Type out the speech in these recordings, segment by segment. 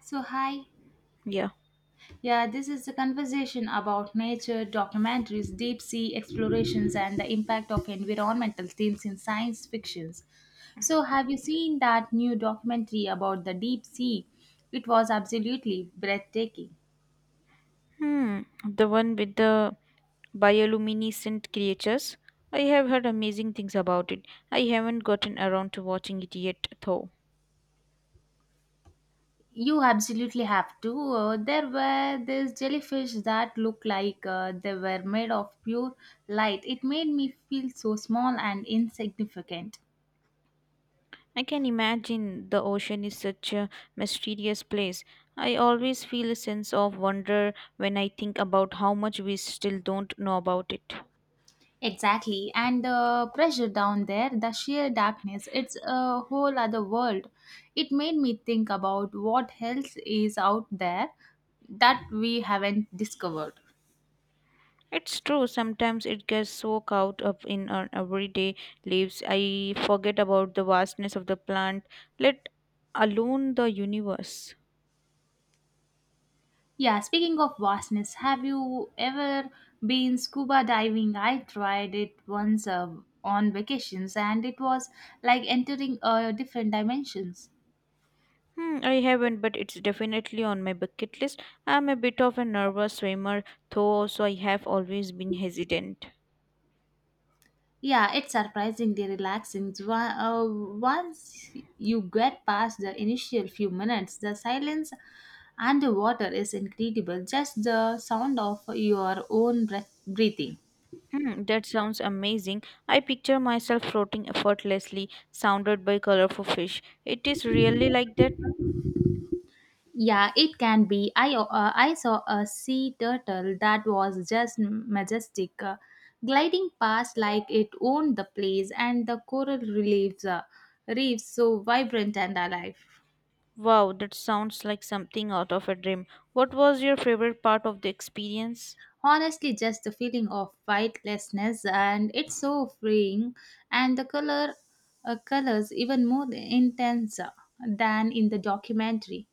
So, hi. Yeah. Yeah, this is a conversation about nature, documentaries, deep sea explorations, and the impact of environmental themes in science fictions. So, have you seen that new documentary about the deep sea? It was absolutely breathtaking. Hmm. The one with the bioluminescent creatures. I have heard amazing things about it. I haven't gotten around to watching it yet, though. You absolutely have to. There were these jellyfish that looked like they were made of pure light. It made me feel so small and insignificant. I can imagine the ocean is such a mysterious place. I always feel a sense of wonder when I think about how much we still don't know about it. Exactly, and the pressure down there, the sheer darkness, it's a whole other world. It made me think about what else is out there that we haven't discovered. It's true, sometimes it gets so caught up in our everyday lives. I forget about the vastness of the plant, let alone the universe. Yeah, speaking of vastness, have you ever been scuba diving? I tried it once on vacations and it was like entering a different dimensions. Hmm, I haven't, but it's definitely on my bucket list. I'm a bit of a nervous swimmer, though, so I have always been hesitant. Yeah, it's surprisingly relaxing. Once you get past the initial few minutes, the silence underwater is incredible. Just the sound of your own breathing. Hmm, that sounds amazing. I picture myself floating effortlessly, surrounded by colorful fish. It is really like that. Yeah, it can be. I saw a sea turtle that was just majestic, gliding past like it owned the place, and the reefs so vibrant and alive. Wow, that sounds like something out of a dream. What was your favorite part of the experience? Honestly, just the feeling of weightlessness, and it's so freeing, and the colors even more intense than in the documentary.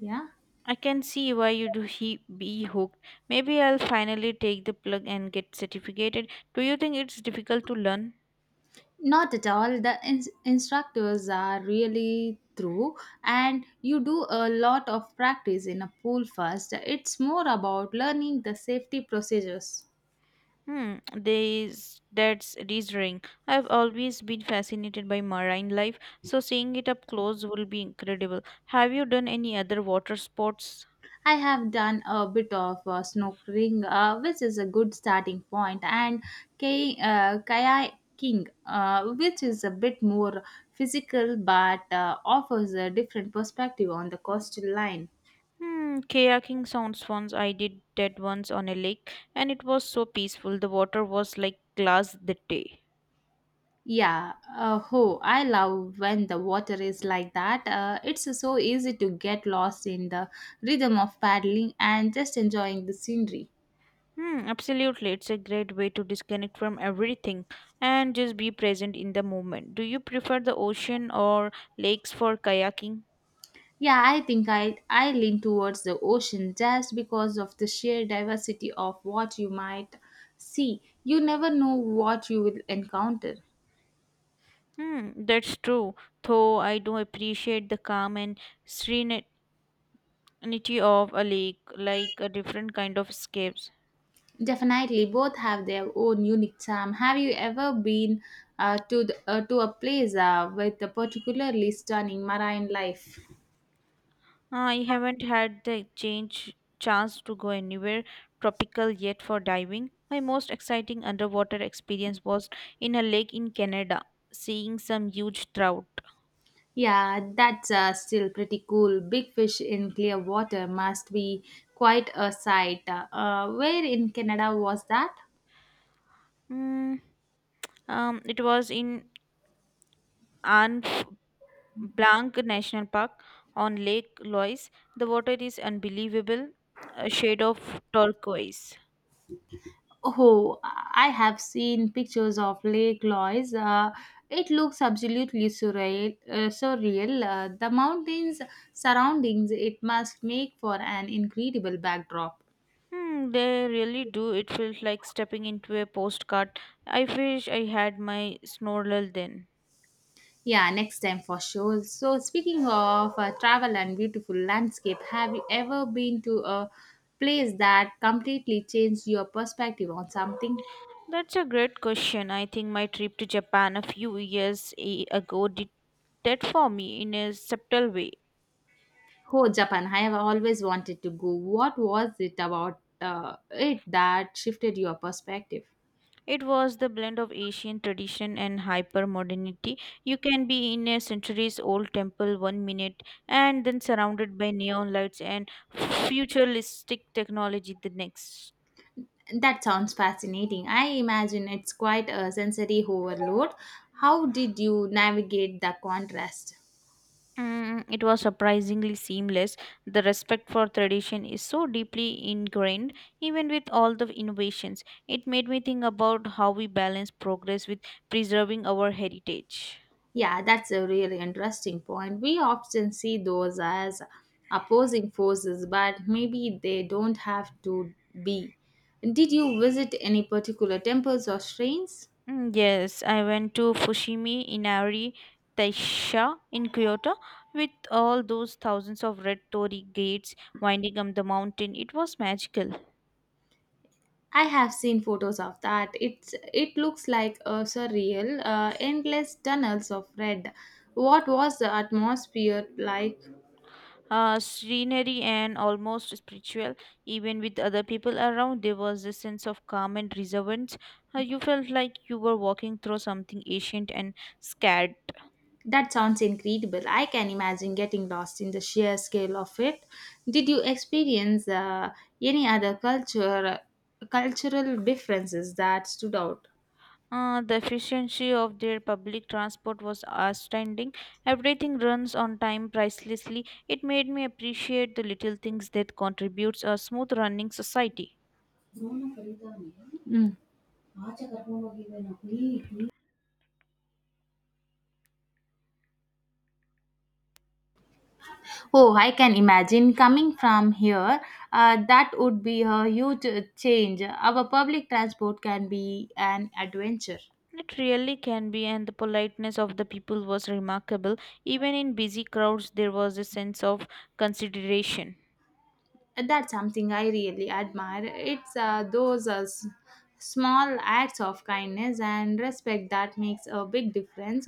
Yeah. I can see why you'd he be hooked. Maybe I'll finally take the plug and get certificated. Do you think it's difficult to learn? Not at all, the instructors are really through, and you do a lot of practice in a pool first. It's more about learning the safety procedures. Hmm, This that's dizzying. I've always been fascinated by marine life, so seeing it up close will be incredible. Have you done any other water sports? I have done a bit of snorkeling, which is a good starting point, and kayaking, which is a bit more physical but offers a different perspective on the coastal line. Hmm, kayaking sounds fun. I did that once on a lake, and it was so peaceful. The water was like glass that day. Yeah, I love when the water is like that. It's so easy to get lost in the rhythm of paddling and just enjoying the scenery. Hmm, absolutely. It's a great way to disconnect from everything and just be present in the moment. Do you prefer the ocean or lakes for kayaking? Yeah, I think I lean towards the ocean just because of the sheer diversity of what you might see. You never know what you will encounter. Hmm, that's true, though I do appreciate the calm and serenity of a lake, like a different kind of escapes. Definitely, both have their own unique charm. Have you ever been to to a place with a particularly stunning marine life? Ah, I haven't had the change chance to go anywhere tropical yet for diving. My most exciting underwater experience was in a lake in Canada, seeing some huge trout. Yeah, that's still pretty cool. Big fish in clear water must be quite a sight. Where in Canada was that? Hmm, it was in Banff, Blanc National Park on Lake Loise. The water is unbelievable, a shade of turquoise. Oh, I have seen pictures of Lake Loise. It looks absolutely surreal. The mountains surroundings it must make for an incredible backdrop. Hmm, they really do. It feels like stepping into a postcard. I wish I had my snorkel then. Yeah, next time for sure. So, speaking of travel and beautiful landscape, have you ever been to a place that completely changed your perspective on something? That's a great question. I think my trip to Japan a few ago did that for me in a subtle way. Oh, Japan! I have always wanted to go. What was it about it that shifted your perspective? It was the blend of Asian tradition and hyper modernity. You can be in a centuries old temple one minute and then surrounded by neon lights and futuristic technology the next. That sounds fascinating. I imagine it's quite a sensory overload. How did you navigate the contrast? Mm, it was surprisingly seamless. The respect for tradition is so deeply ingrained, even with all the innovations. It made me think about how we balance progress with preserving our heritage. Yeah, that's a really interesting point. We often see those as opposing forces, but maybe they don't have to be. Did you visit any particular temples or shrines? Mm, yes, I went to Fushimi Inari Taisha in Kyoto with all those thousands of red torii gates winding up the mountain. It was magical, I have seen photos of that. It looks like a surreal, endless tunnels of red. What was the atmosphere like? Scenery, and almost spiritual. Even with other people around, there was a sense of calm and reservance. You felt like you were walking through something ancient and scared. That sounds incredible. I can imagine getting lost in the sheer scale of it. Did you experience any cultural differences that stood out? The efficiency of their public transport was outstanding. Everything runs on time pricelessly. It made me appreciate the little things that contributes a smooth running society. Mm. Oh, I can imagine coming from here. That would be a huge change. Our public transport can be an adventure. It really can be, and the politeness of the people was remarkable. Even in busy crowds, there was a sense of consideration. And that's something I really admire. It's those small acts of kindness and respect that makes a big difference.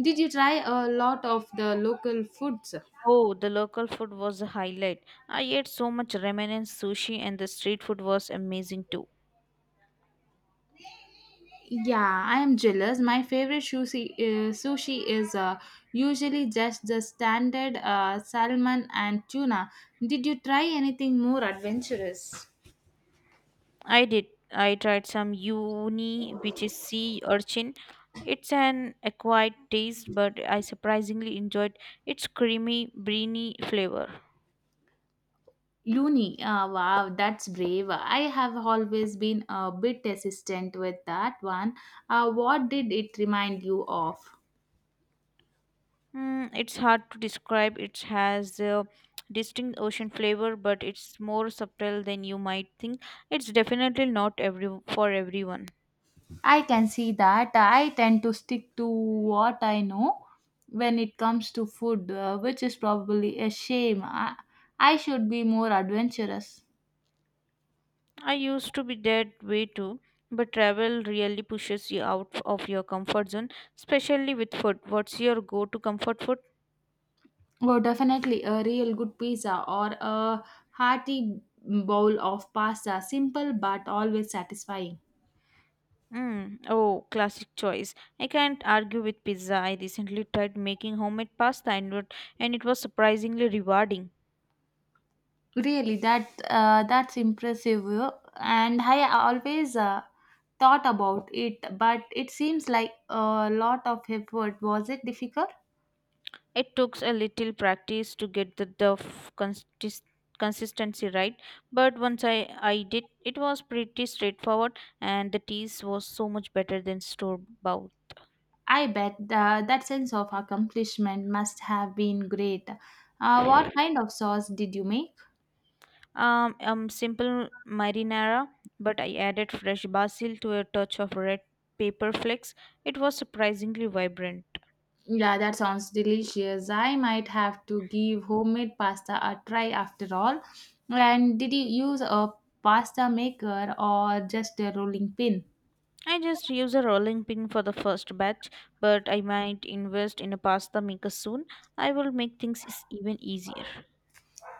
Did you try a lot of the local foods? Oh, the local food was a highlight. I ate so much ramen and sushi, and the street food was amazing too. Yeah, I am jealous. My favorite sushi is usually just the standard salmon and tuna. Did you try anything more adventurous? I did. I tried some uni, which is sea urchin. It's an acquired taste, but I surprisingly enjoyed its creamy, briny flavor. Looney, ah, wow, that's brave. I have always been a bit hesitant with that one. Ah, what did it remind you of? Mm, it's hard to describe. It has a distinct ocean flavor, but it's more subtle than you might think. It's definitely not every for everyone. I can see that. I tend to stick to what I know when it comes to food, which is probably a shame. I should be more adventurous. I used to be that way too, but travel really pushes you out of your comfort zone, especially with food. What's your go-to comfort food? Oh, definitely a real good pizza or a hearty bowl of pasta. Simple but always satisfying. Mm, oh, classic choice. I can't argue with pizza. I recently tried making homemade pasta and it was surprisingly rewarding. Really, that's impressive, and I always thought about it, but it seems like a lot of effort. Was it difficult? It took a little practice to get the consistency right, but once I did, it was pretty straightforward and the taste was so much better than store bought. I bet that sense of accomplishment must have been great. What kind of sauce did you make? Simple marinara, but I added fresh basil to a touch of red pepper flakes. It was surprisingly vibrant. Yeah, that sounds delicious. I might have to give homemade pasta a try after all. And did you use a pasta maker or just a rolling pin? I just use a rolling pin for the first batch, but I might invest in a pasta maker soon. I will make even easier.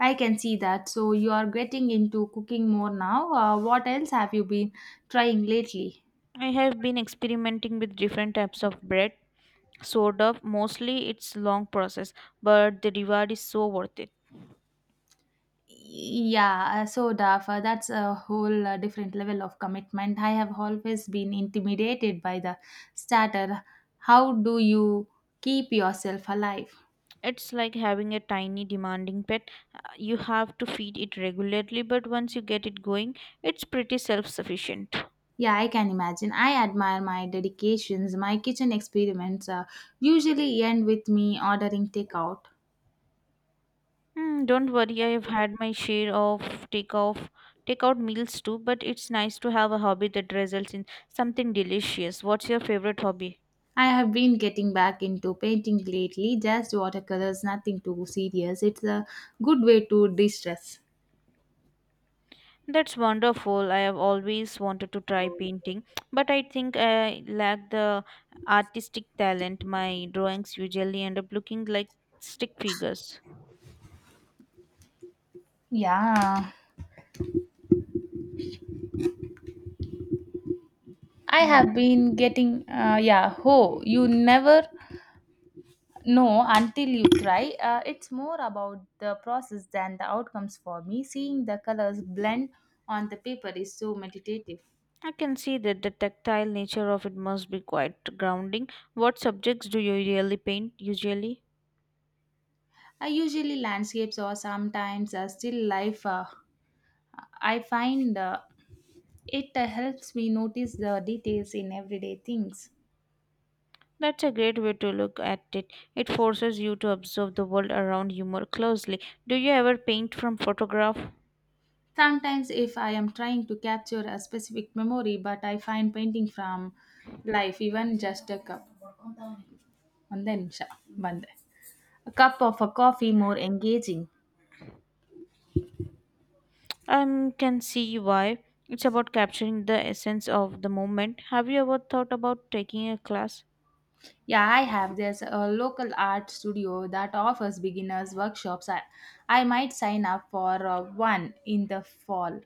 I can see that. So you are getting into cooking more now. What else have you been trying lately? I have been experimenting with different types of bread, sort of. Mostly it's long process, but the reward is so worth it. Yeah, so Dafa, that's a whole different level of commitment. I have always been intimidated by the starter. How do you keep yourself alive? It's like having a tiny demanding pet. You have to feed it regularly, but once you get it going, it's pretty self-sufficient. Yeah, I can imagine. I admire my dedications. My kitchen experiments usually end with me ordering takeout. Hmm. Don't worry, I've had my share of take off take out meals too, but it's nice to have a hobby that results in something delicious. What's your favorite hobby? I have been getting back into painting lately, just watercolors, nothing too serious. It's a good way to distress. That's wonderful. I have always wanted to try painting, but I think I lack the artistic talent. My drawings usually end up looking like stick figures. Yeah, I Hmm. have been getting, yeah, oh, you never know until you try. It's more about the process than the outcomes for me. Seeing the colors blend on the paper is so meditative. I can see that the tactile nature of it must be quite grounding. What subjects do you really paint usually? I usually landscapes or sometimes still life. I find. It helps me notice the details in everyday things. That's a great way to look at it. It forces you to observe the world around you more closely. Do you ever paint from photograph? Sometimes, if I am trying to capture a specific memory, but I find painting from life, even just a cup, and then sha- bande. A cup of a coffee more engaging. I can see why. It's about capturing the essence of the moment. Have you ever thought about taking a class? Yeah, I have. There's a local art studio that offers beginners workshops. I might sign up for one in the fall.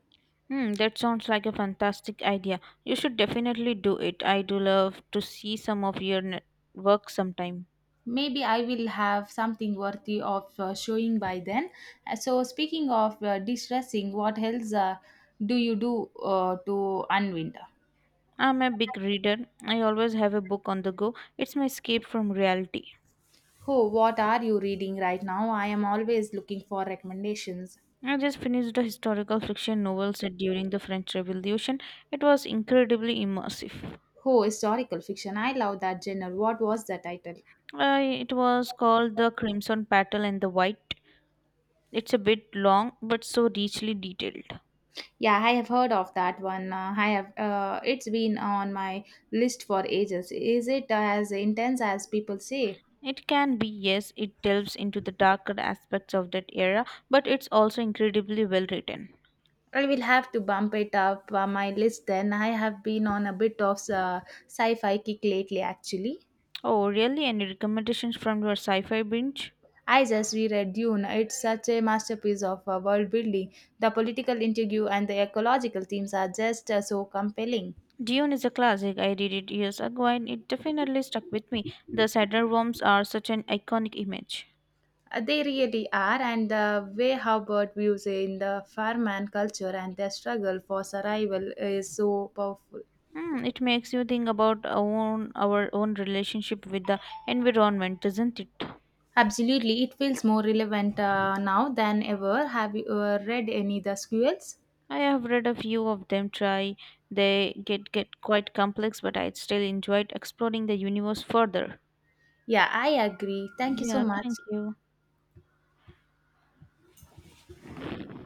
Hmm, that sounds like a fantastic idea. You should definitely do it. I do love to see some of work sometime. Maybe I will have something worthy of showing by then. So, speaking of distressing, what else do you do to unwind? I'm a big reader. I always have a book on the go. It's my escape from reality. Oh, what are you reading right now? I am always looking for recommendations. I just finished a historical fiction novel set during the French Revolution. It was incredibly immersive. Oh, historical fiction, I love that genre. What was the title? It was called The Crimson Petal and the White. It's a bit long but so richly detailed. Yeah, I have heard of that one. I have It's been on my list for ages. Is it as intense as people say? It can be, yes, it delves into the darker aspects of that era, but it's also incredibly well written. I will have to bump it up my list then. I have been on a bit of sci fi kick lately, actually. Oh, really? Any recommendations from your sci fi binge? I just reread Dune. It's such a masterpiece of world building. The political intrigue and the ecological themes are just so compelling. Dune is a classic. I read it years ago and it definitely stuck with me. The Saddleworms are such an iconic image. They really are, and the way Hubbard views in the farmland culture and their struggle for survival is so powerful. Mm, it makes you think about our own relationship with the environment, doesn't it? Absolutely, it feels more relevant now than ever. Have you read any of the squirrels? I have read a few of them try. They get quite complex, but I still enjoyed exploring the universe further. Yeah, I agree. Thank you so Yeah, much. thank you.